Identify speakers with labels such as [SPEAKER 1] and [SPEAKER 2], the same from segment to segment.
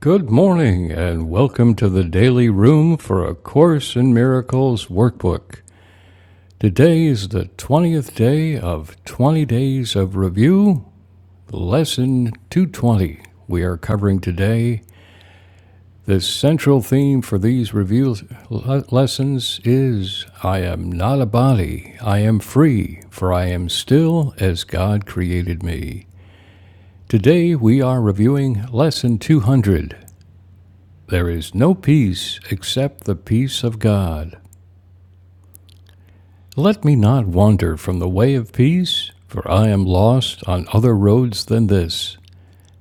[SPEAKER 1] Good morning, and welcome to the Daily Room for A Course in Miracles workbook. Today is the 20th day of 20 Days of Review, Lesson 220. We are covering today. The central theme for these review lessons is I am not a body, I am free, for I am still as God created me. Today we are reviewing Lesson 200 There is no peace except the peace of God. Let me not wander from the way of peace, for I am lost on other roads than this.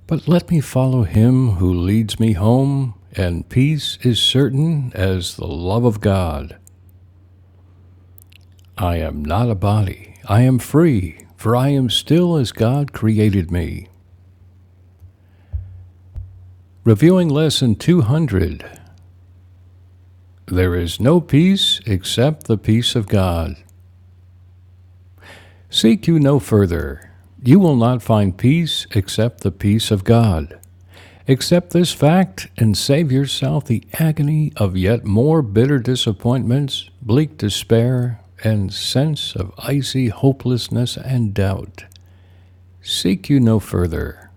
[SPEAKER 1] But let me follow him who leads me home, and peace is certain as the love of God. I am not a body, I am free, for I am still as God created me. Reviewing Lesson 200 There is no peace except the peace of God. Seek you no further. You will not find peace except the peace of God. Accept this fact and save yourself the agony of yet more bitter disappointments, bleak despair, and sense of icy hopelessness and doubt. Seek you no further.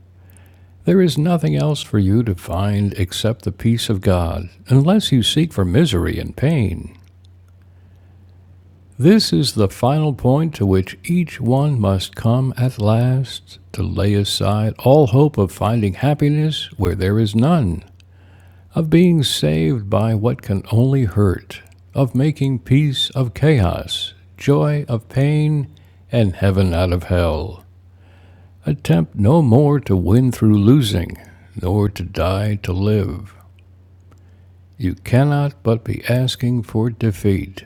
[SPEAKER 1] There is nothing else for you to find except the peace of God, unless you seek for misery and pain. This is the final point to which each one must come at last to lay aside all hope of finding happiness where there is none, of being saved by what can only hurt, of making peace of chaos, joy of pain, and heaven out of hell. Attempt no more to win through losing, nor to die to live. You cannot but be asking for defeat.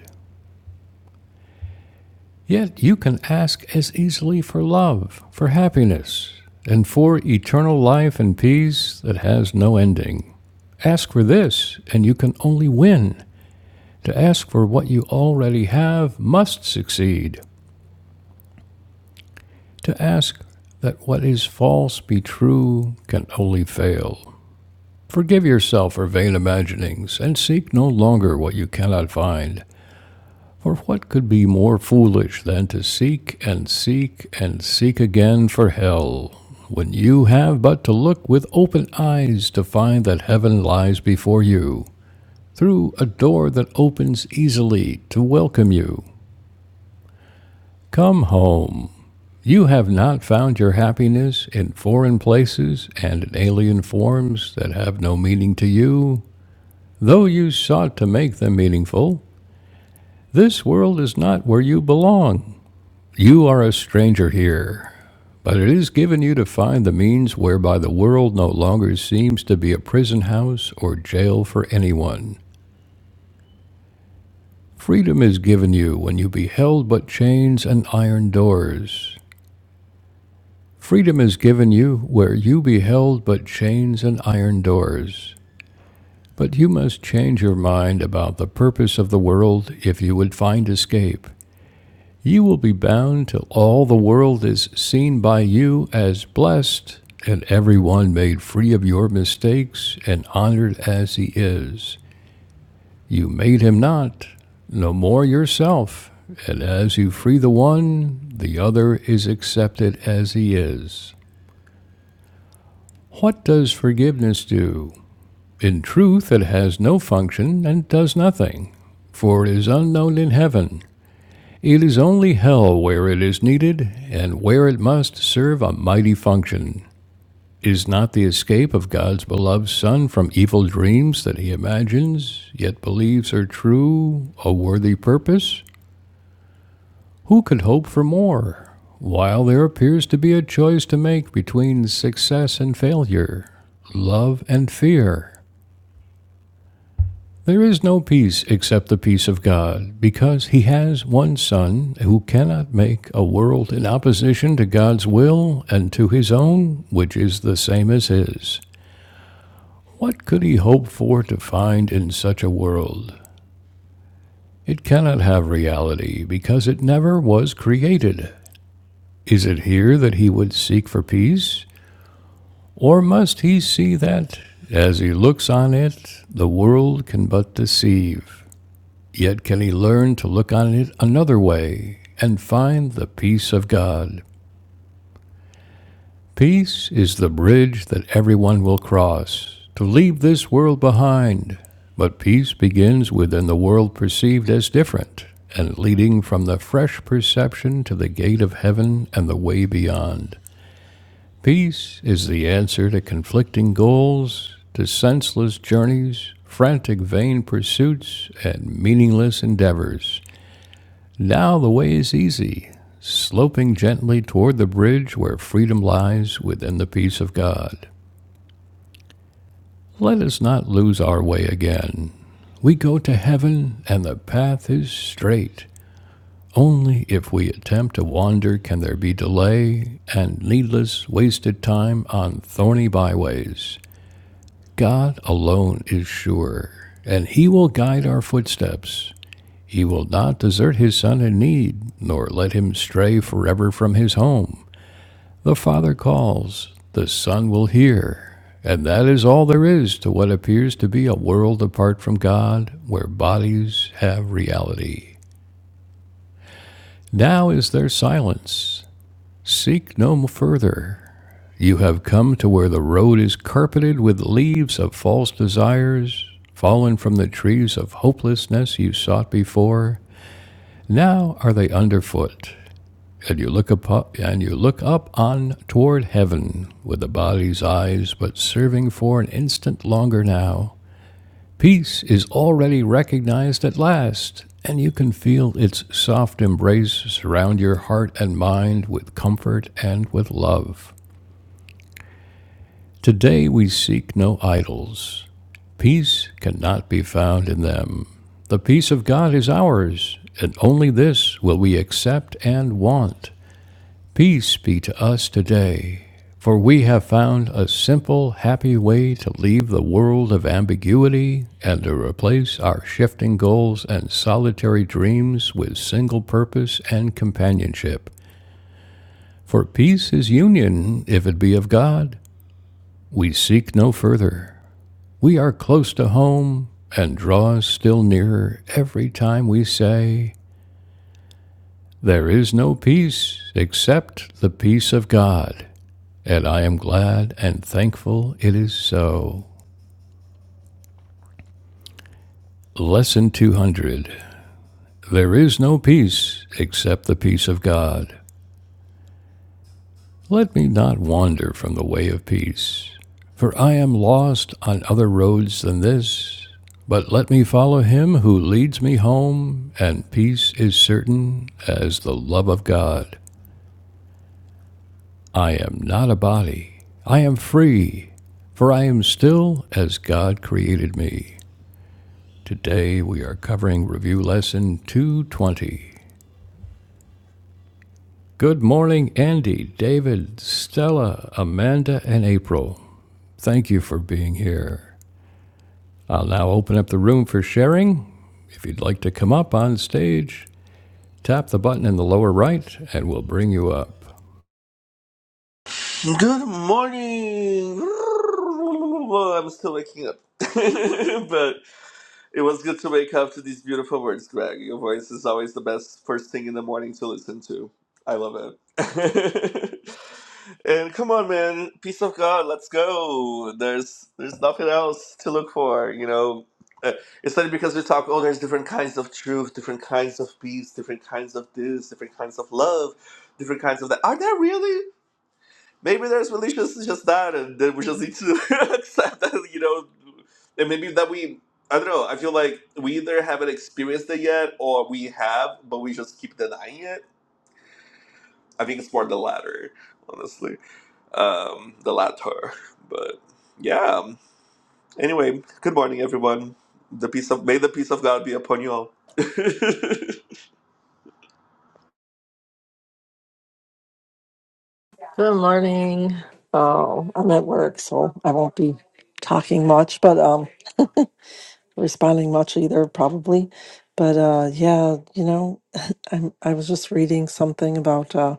[SPEAKER 1] Yet you can ask as easily for love, for happiness, and for eternal life and peace that has no ending. Ask for this, and you can only win. To ask for what you already have must succeed. To ask that what is false be true can only fail. Forgive yourself for vain imaginings, and seek no longer what you cannot find. For what could be more foolish than to seek and seek and seek again for hell, when you have but to look with open eyes to find that heaven lies before you, through a door that opens easily to welcome you? Come home. You have not found your happiness in foreign places and in alien forms that have no meaning to you, though you sought to make them meaningful. This world is not where you belong. You are a stranger here, but it is given you to find the means whereby the world no longer seems to be a prison house or jail for anyone. Freedom is given you when you beheld but chains and iron doors. Freedom is given you where you beheld but chains and iron doors. But you must change your mind about the purpose of the world if you would find escape. You will be bound till all the world is seen by you as blessed, and every one made free of your mistakes and honored as he is. You made him not, no more yourself, and as you free the one, the other is accepted as he is. What does forgiveness do? In truth, it has no function and does nothing, for it is unknown in heaven It is only hell where it is needed, and where it must serve a mighty function. Is not the escape of God's beloved Son from evil dreams that he imagines, yet believes are true, a worthy purpose? Who could hope for more, while there appears to be a choice to make between success and failure, love and fear? There is no peace except the peace of God, because he has one Son who cannot make a world in opposition to God's will and to his own, which is the same as his. What could he hope for to find in such a world? It cannot have reality, because it never was created. Is it here that he would seek for peace? Or must he see that, as he looks on it, the world can but deceive? Yet can he learn to look on it another way and find the peace of God. Peace is the bridge that everyone will cross to leave this world behind. But peace begins within the world perceived as different and leading from the fresh perception to the gate of heaven and the way beyond. Peace is the answer to conflicting goals, to senseless journeys, frantic vain pursuits, and meaningless endeavors. Now the way is easy, sloping gently toward the bridge where freedom lies within the peace of God. Let us not lose our way again. We go to heaven, and the path is straight. Only if we attempt to wander can there be delay and needless wasted time on thorny byways. God alone is sure, and He will guide our footsteps. He will not desert his son in need, nor let him stray forever from his home. The Father calls, the Son will hear. And that is all there is to what appears to be a world apart from God, where bodies have reality. Now is their silence. Seek no further. You have come to where the road is carpeted with leaves of false desires, fallen from the trees of hopelessness you sought before. Now are they underfoot. And you look up and you look up on toward heaven with the body's eyes but serving for an instant longer now. Peace is already recognized at last, and you can feel its soft embrace surround your heart and mind with comfort and with love. Today we seek no idols. Peace cannot be found in them. The peace of God is ours, and only this will we accept and want. Peace be to us today, for we have found a simple, happy way to leave the world of ambiguity and to replace our shifting goals and solitary dreams with single purpose and companionship. For peace is union, if it be of God. We seek no further. We are close to home and draw us still nearer every time we say, There is no peace except the peace of God. And I am glad and thankful it is so. Lesson 200 There is no peace except the peace of God. Let me not wander from the way of peace, for I am lost on other roads than this. But let me follow him who leads me home, and peace is certain as the love of God. I am not a body, I am free, for I am still as God created me. Today we are covering review lesson 220. Good morning, Andy, David, Stella, Amanda, and April. Thank you for being here. I'll now open up the room for sharing. If you'd like to come up on stage, tap the button in the lower right and we'll bring you up.
[SPEAKER 2] Good morning. Well, I'm still waking up, but it was good to wake up to these beautiful words, Greg. Your voice is always the best first thing in the morning to listen to. I love it. and come on, man, peace of God. Let's go. There's there's nothing else to look for. You know, Uh, it's funny because we talk. Oh, there's different kinds of truth, different kinds of peace, different kinds of this, different kinds of love, different kinds of that. Are there really? Maybe there's relationships just that, and then we just need to accept that, you know, and maybe that we, I don't know, I feel like we either haven't experienced it yet or we have, but we just keep denying it. I think it's more the latter, honestly, um, the latter. But yeah, anyway, good morning, everyone. The peace of, may the peace of God be upon you all.
[SPEAKER 3] Good morning. Oh, I'm at work, so I won't be talking much, but um, responding much either, probably. But uh, yeah, you know, I'm I was just reading something about uh,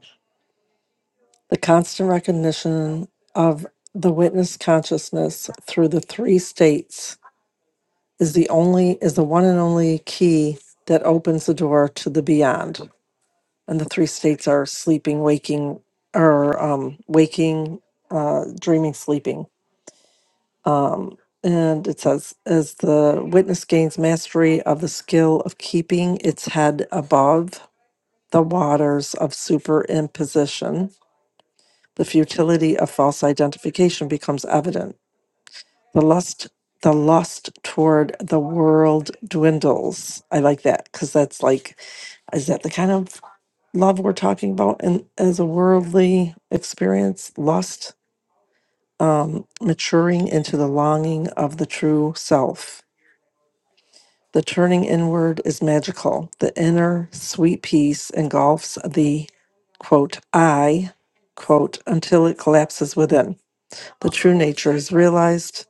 [SPEAKER 3] the constant recognition of the witness consciousness through the three states is the only is the one and only key that opens the door to the beyond. And the three states are sleeping, waking, or um, waking, uh, dreaming, sleeping Um, and it says, as the witness gains mastery of the skill of keeping its head above the waters of superimposition, the futility of false identification becomes evident. The lust, the lust toward the world dwindles. I like that because that's like, is that the kind of love we're talking about? And as a worldly experience, lust, um, maturing into the longing of the true self The turning inward is magical. The inner sweet peace engulfs the quote I quote until it collapses within. The true nature is realized.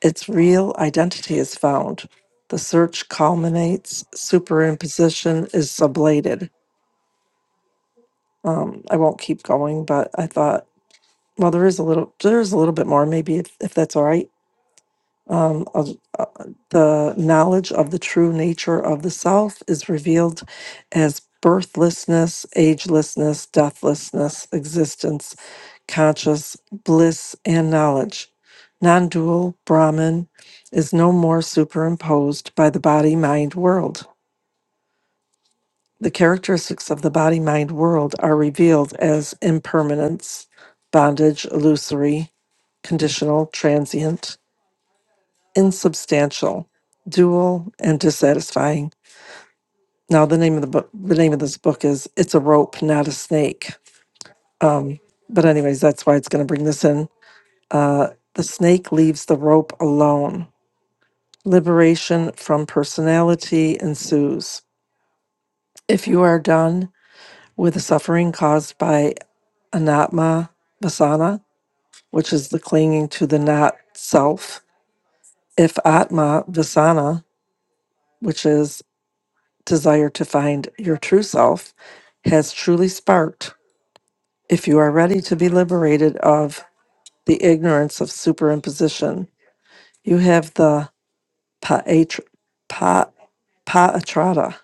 [SPEAKER 3] Its real identity is found. The search culminates. Superimposition is sublated. Um, I won't keep going, but I thought, well, there is a little, there is a little bit more. Maybe if, if that's all right. um, of uh, the knowledge of the true nature of the self is revealed as birthlessness, agelessness, deathlessness, existence, conscious, bliss, and knowledge. Non dual Brahman is no more superimposed by the body mind world. The characteristics of the body mind world are revealed as impermanence, bondage, illusory, conditional, transient insubstantial, dual, and dissatisfying. Now, the name of the book, the name of this book is "It's a Rope, Not a Snake." Um, but anyways, that's why it's going to bring this in. Uh, the snake leaves the rope alone. Liberation from personality ensues. If you are done with the suffering caused by anatma vasana, which is the clinging to the not self, if atma vasana, which is desire to find your true self has truly sparked. If you are ready to be liberated of the ignorance of superimposition, you have the paatra, pa, paatrada,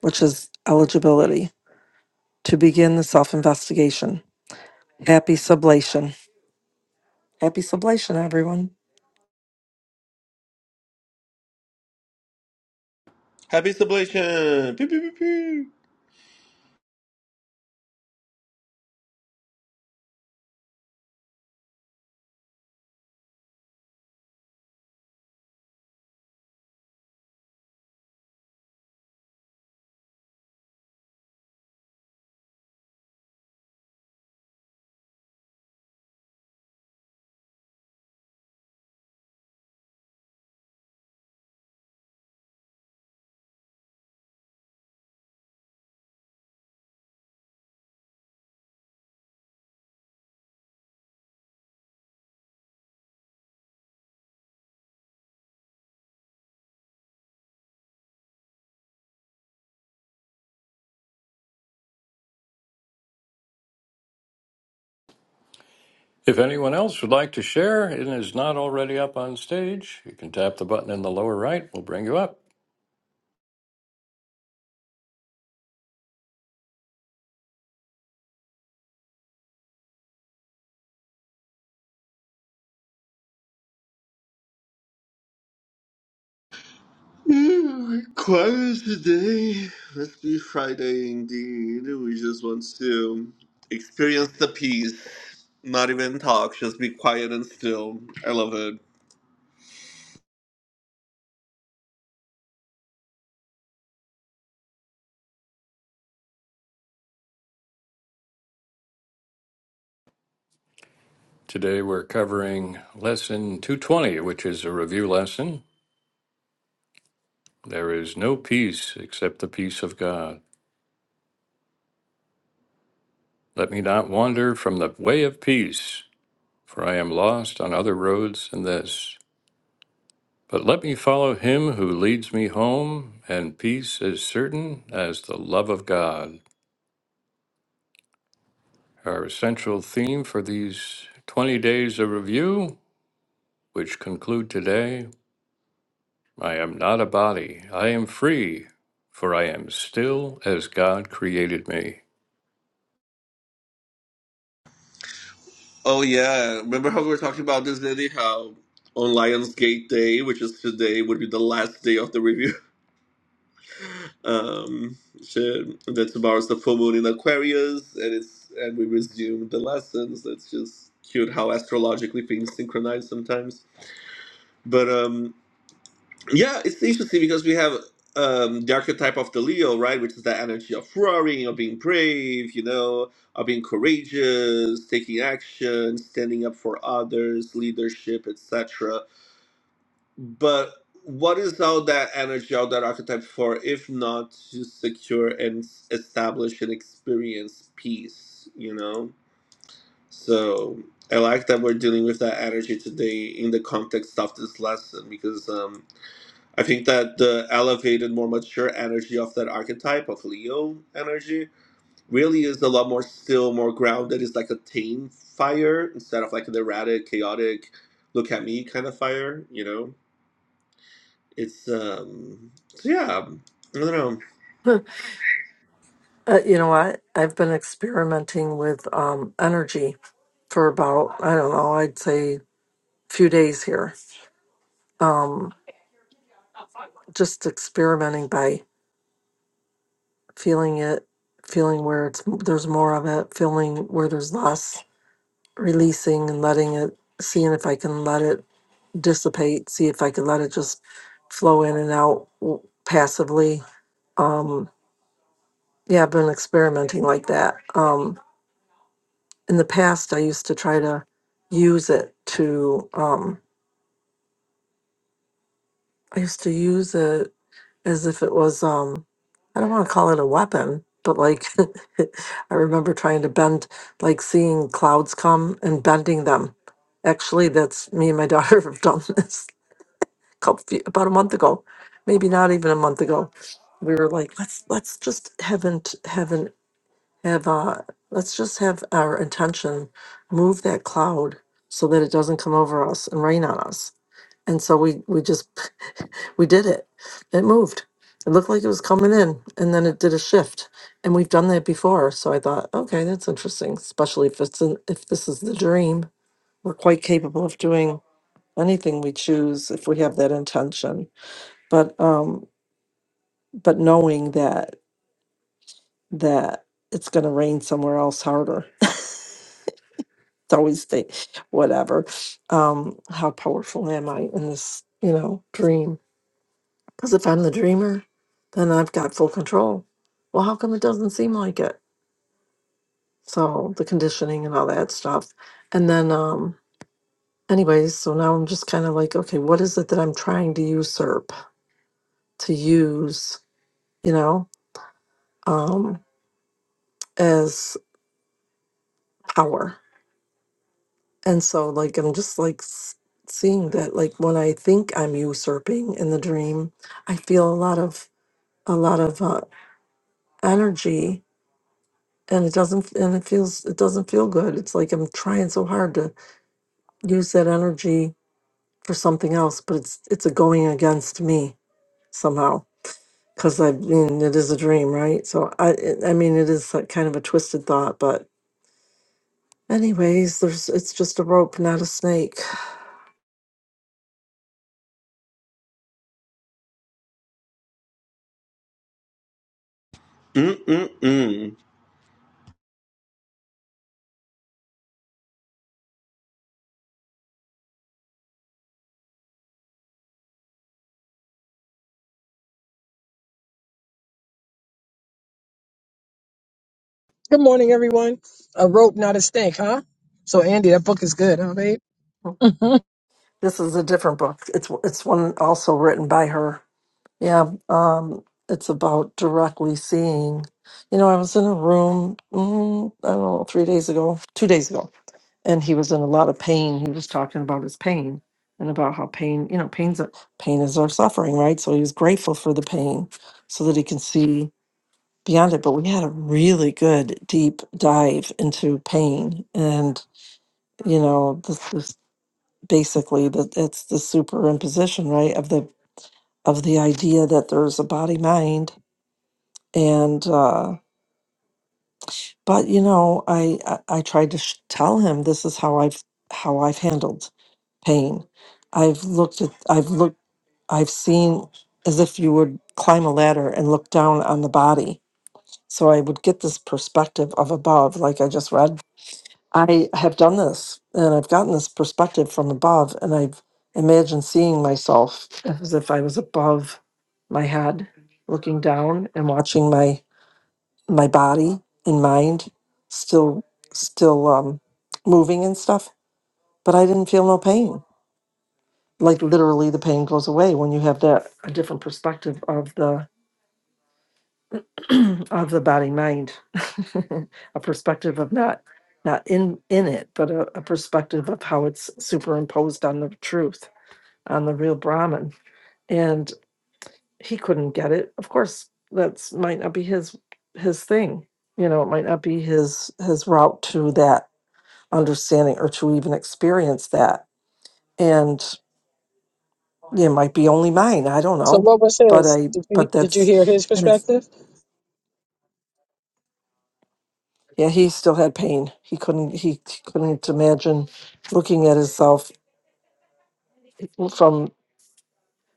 [SPEAKER 3] which is eligibility, to begin the self investigation. Happy sublation. Happy sublation, everyone.
[SPEAKER 2] Happy sublation! Pew, pew, pew, pew.
[SPEAKER 1] If anyone else would like to share and is not already up on stage, you can tap the button in the lower right. We'll bring you up.
[SPEAKER 2] Quiet today. Must be Friday indeed. We just want to experience the peace. Not even talk, just be quiet and still. I love it.
[SPEAKER 1] Today we're covering lesson 220, which is a review lesson. There is no peace except the peace of God. Let me not wander from the way of peace, for I am lost on other roads than this. But let me follow him who leads me home, and peace is certain as the love of God. Our essential theme for these 20 days of review, which conclude today I am not a body, I am free, for I am still as God created me.
[SPEAKER 2] Oh yeah. Remember how we were talking about this Danny? How On Lionsgate Day, which is today, would be the last day of the review. Um shit. That tomorrow's the full moon in Aquarius and it's and we resume the lessons. It's just cute how astrologically things synchronize sometimes. But um Yeah, it's interesting because we have um, the archetype of the Leo, right, which is that energy of roaring, of being brave, you know, of being courageous, taking action, standing up for others, leadership, etc. But what is all that energy, all that archetype for, if not to secure and s- establish and experience peace, you know? So I like that we're dealing with that energy today in the context of this lesson because. Um, I think that the elevated, more mature energy of that archetype of Leo energy really is a lot more still, more grounded. It's like a tame fire instead of like an erratic, chaotic, look at me kind of fire. You know, it's um, so yeah. I don't know.
[SPEAKER 3] Uh, you know what? I've been experimenting with um, energy for about, I don't know, I'd say few days here. Um, just experimenting by feeling it, feeling where it's there's more of it, feeling where there's less, releasing and letting it, seeing if I can let it dissipate, see if I can let it just flow in and out w- passively. Um, yeah, I've been experimenting like that. Um, in the past i used to try to use it to um i used to use it as if it was um i don't want to call it a weapon but like i remember trying to bend like seeing clouds come and bending them actually that's me and my daughter have done this a couple few, about a month ago maybe not even a month ago we were like let's let's just haven't haven't have uh let's just have our intention move that cloud so that it doesn't come over us and rain on us and so we we just we did it it moved it looked like it was coming in and then it did a shift and we've done that before so i thought okay that's interesting especially if it's in, if this is the dream we're quite capable of doing anything we choose if we have that intention but um but knowing that that it's going to rain somewhere else harder it's always the whatever um how powerful am i in this you know dream because if i'm the dreamer then i've got full control well how come it doesn't seem like it so the conditioning and all that stuff and then um anyways so now i'm just kind of like okay what is it that i'm trying to usurp to use you know um as power and so like i'm just like s- seeing that like when i think i'm usurping in the dream i feel a lot of a lot of uh, energy and it doesn't and it feels it doesn't feel good it's like i'm trying so hard to use that energy for something else but it's it's a going against me somehow because i mean it is a dream right so i it- i mean it is like kind of a twisted thought but anyways there's it's just a rope not a snake
[SPEAKER 2] Mm-mm-mm.
[SPEAKER 4] Good morning, everyone. A rope, not a snake, huh? So, Andy, that book is good, huh, babe? so,
[SPEAKER 3] this is a different book it's it's one also written by her Yeah, um, it's about directly seeing. You know, I was in a room, mm, I don't know, three days ago, two days ago, and he was in a lot of pain. He was talking about his pain and about how pain, you know, pain's a, pain is our suffering, right? So he was grateful for the pain so that he can see beyond it. But we had a really good deep dive into pain, and you know, this is basically that it's the superimposition, right, of the of the idea that there's a body mind and uh but you know i i, I tried to sh- tell him this is how i've how i've handled pain i've looked at i've looked i've seen as if you would climb a ladder and look down on the body so i would get this perspective of above like i just read i have done this and i've gotten this perspective from above and i've imagined seeing myself as if i was above my head looking down and watching my my body and mind still still um moving and stuff but i didn't feel no pain like literally the pain goes away when you have that a different perspective of the of the body mind a perspective of not not in in it but a, a perspective of how it's superimposed on the truth on the real brahman and he couldn't get it of course that's might not be his his thing you know it might not be his his route to that understanding or to even experience that. And it might be only mine. I don't know.
[SPEAKER 4] what was
[SPEAKER 3] But
[SPEAKER 4] his?
[SPEAKER 3] I,
[SPEAKER 4] Did you
[SPEAKER 3] but
[SPEAKER 4] did you hear
[SPEAKER 3] that's,
[SPEAKER 4] his
[SPEAKER 3] and it's,
[SPEAKER 4] perspective?
[SPEAKER 3] yeah, he still had pain. He couldn't, he, he couldn't imagine looking at himself from,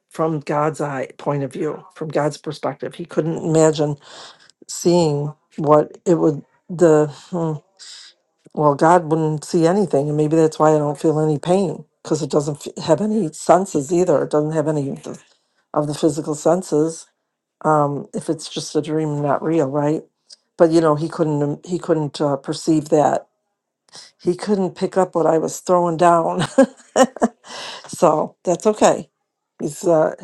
[SPEAKER 3] from God's eye point of view, from God's perspective. He couldn't imagine seeing what it would, the, hmm, well, God wouldn't see anything. And maybe that's why I don't feel any pain because it doesn't f- have any senses either. It doesn't have any of the, of the physical senses um, if it's just a dream, not real, right? But you know, he couldn't um, he couldn't uh, perceive that. He couldn't pick up what I was throwing down. so that's okay. He's, uh,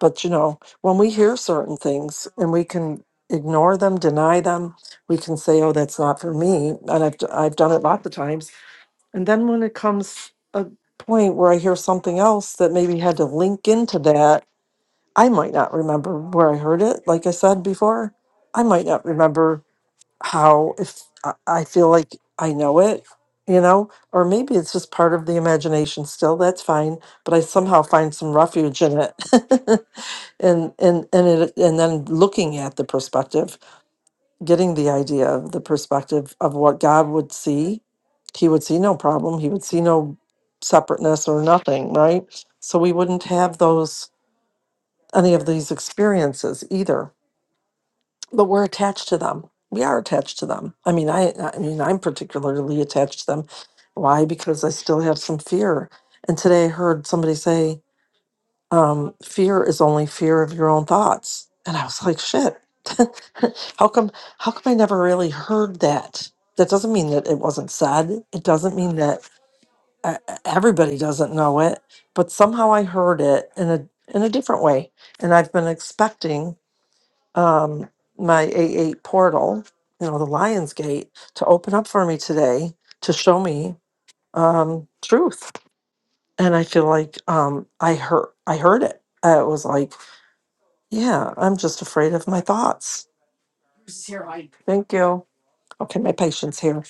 [SPEAKER 3] but you know, when we hear certain things and we can ignore them, deny them, we can say, "Oh, that's not for me," and I've d- I've done it lots of times. And then when it comes a point where I hear something else that maybe had to link into that I might not remember where I heard it. Like I said before, I might not remember how, if I I feel like I know it, you know, or maybe it's just part of the imagination still. That's fine. But I somehow find some refuge in it. and, and, and it, and then looking at the perspective, getting the idea of the perspective of what God would see. He would see no problem. He would see no separateness or nothing, right? So we wouldn't have those any of these experiences either but we're attached to them we are attached to them i mean i i mean i'm particularly attached to them why because i still have some fear and today i heard somebody say um, fear is only fear of your own thoughts and i was like shit how come how come i never really heard that that doesn't mean that it wasn't said it doesn't mean that uh, everybody doesn't know it but somehow i heard it in a in a different way and i've been expecting um, my A8 portal, you know, the Lion's Gate, to open up for me today to show me um, truth. And I feel like um, I heard I heard it. Uh, It was like, yeah, I'm just afraid of my thoughts. Thank you. Okay, my patience here.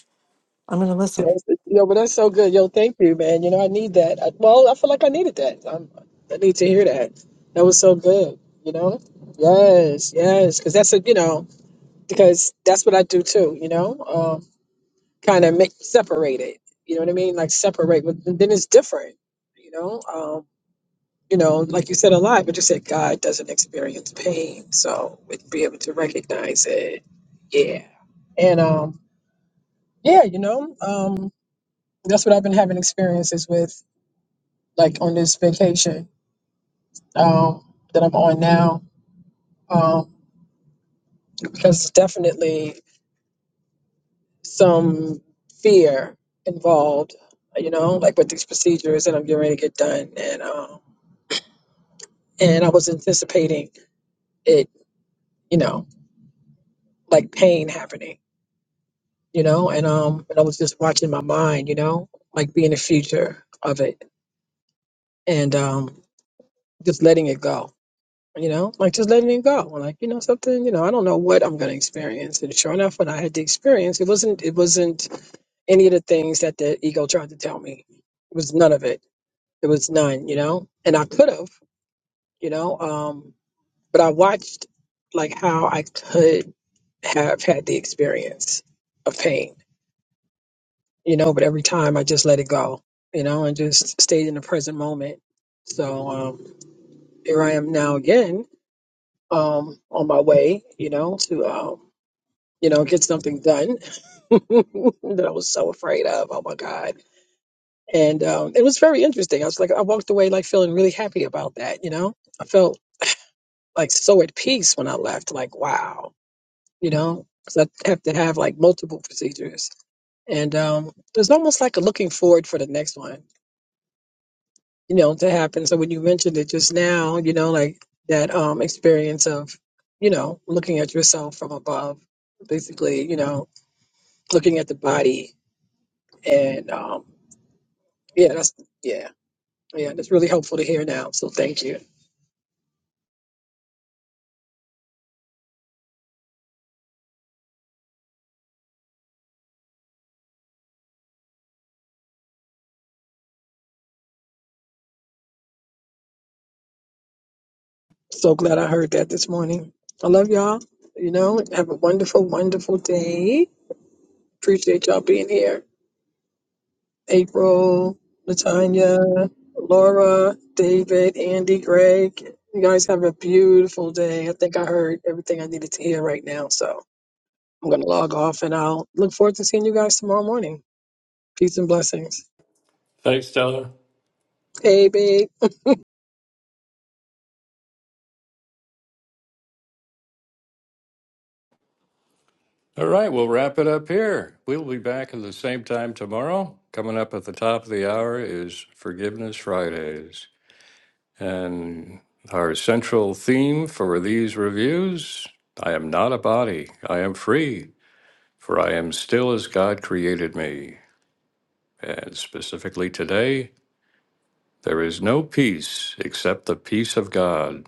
[SPEAKER 3] I'm gonna listen.
[SPEAKER 4] Yo, yo, but that's so good. Yo, thank you, man. You know, I need that. I, well, I feel like I needed that. Um I need to hear that. That was so good. You know, yes, yes, because that's a you know because that's what I do too. You know, um, kind of make separate it. You know what I mean? Like separate, but then it's different. You know, Um, you know, like you said a lot, but you said God doesn't experience pain. So we'd be able to recognize it, yeah. And um, yeah, you know, um, that's what I've been having experiences with, like on this vacation um, that I'm on now, um, because definitely some fear involved, you know, like with these procedures that I'm getting ready to get done, and um, and I was anticipating it, you know, like pain happening you know, and um and I was just watching my mind, you know, like being the future of it and um just letting it go, you know, like just letting it go. Like, you know, something, you know, I don't know what I'm gonna experience. And sure enough when I had the experience, it wasn't it wasn't any of the things that the ego tried to tell me. It was none of it. It was none, you know? And I could have, you know, um but I watched like how I could have had the experience of pain you know, but every time I just let it go, you know, and just stayed in the present moment. So um, here I am now again um, on my way, you know, to, um, you know, get something done that I was so afraid of. Oh my God. And um, it was very interesting. I was like, I walked away like feeling really happy about that, you know, I felt like so at peace when I left, like, wow, you know, because I have to have like multiple procedures. And um, it was almost like a looking forward for the next one you know, to happen. So when you mentioned it just now, you know, like that um experience of, you know, looking at yourself from above, basically, you know, looking at the body and um yeah, that's yeah. Yeah, that's really helpful to hear now. So thank you. So glad I heard that this morning. I love y'all. You know, have a wonderful, wonderful day. Appreciate y'all being here. April, Natanya, Laura, David, Andy, Greg. You guys have a beautiful day. I think I heard everything I needed to hear right now. So I'm going to log off and I'll look forward to seeing you guys tomorrow morning. Peace and blessings.
[SPEAKER 1] Thanks, Stella.
[SPEAKER 4] Hey, babe.
[SPEAKER 1] All right, we'll wrap it up here. We'll be back at the same time tomorrow. Coming up at the top of the hour is Forgiveness Fridays. And our central theme for these reviews I am not a body, I am free, for I am still as God created me. And specifically today, there is no peace except the peace of God.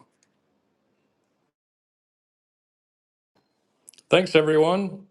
[SPEAKER 1] Thanks, everyone.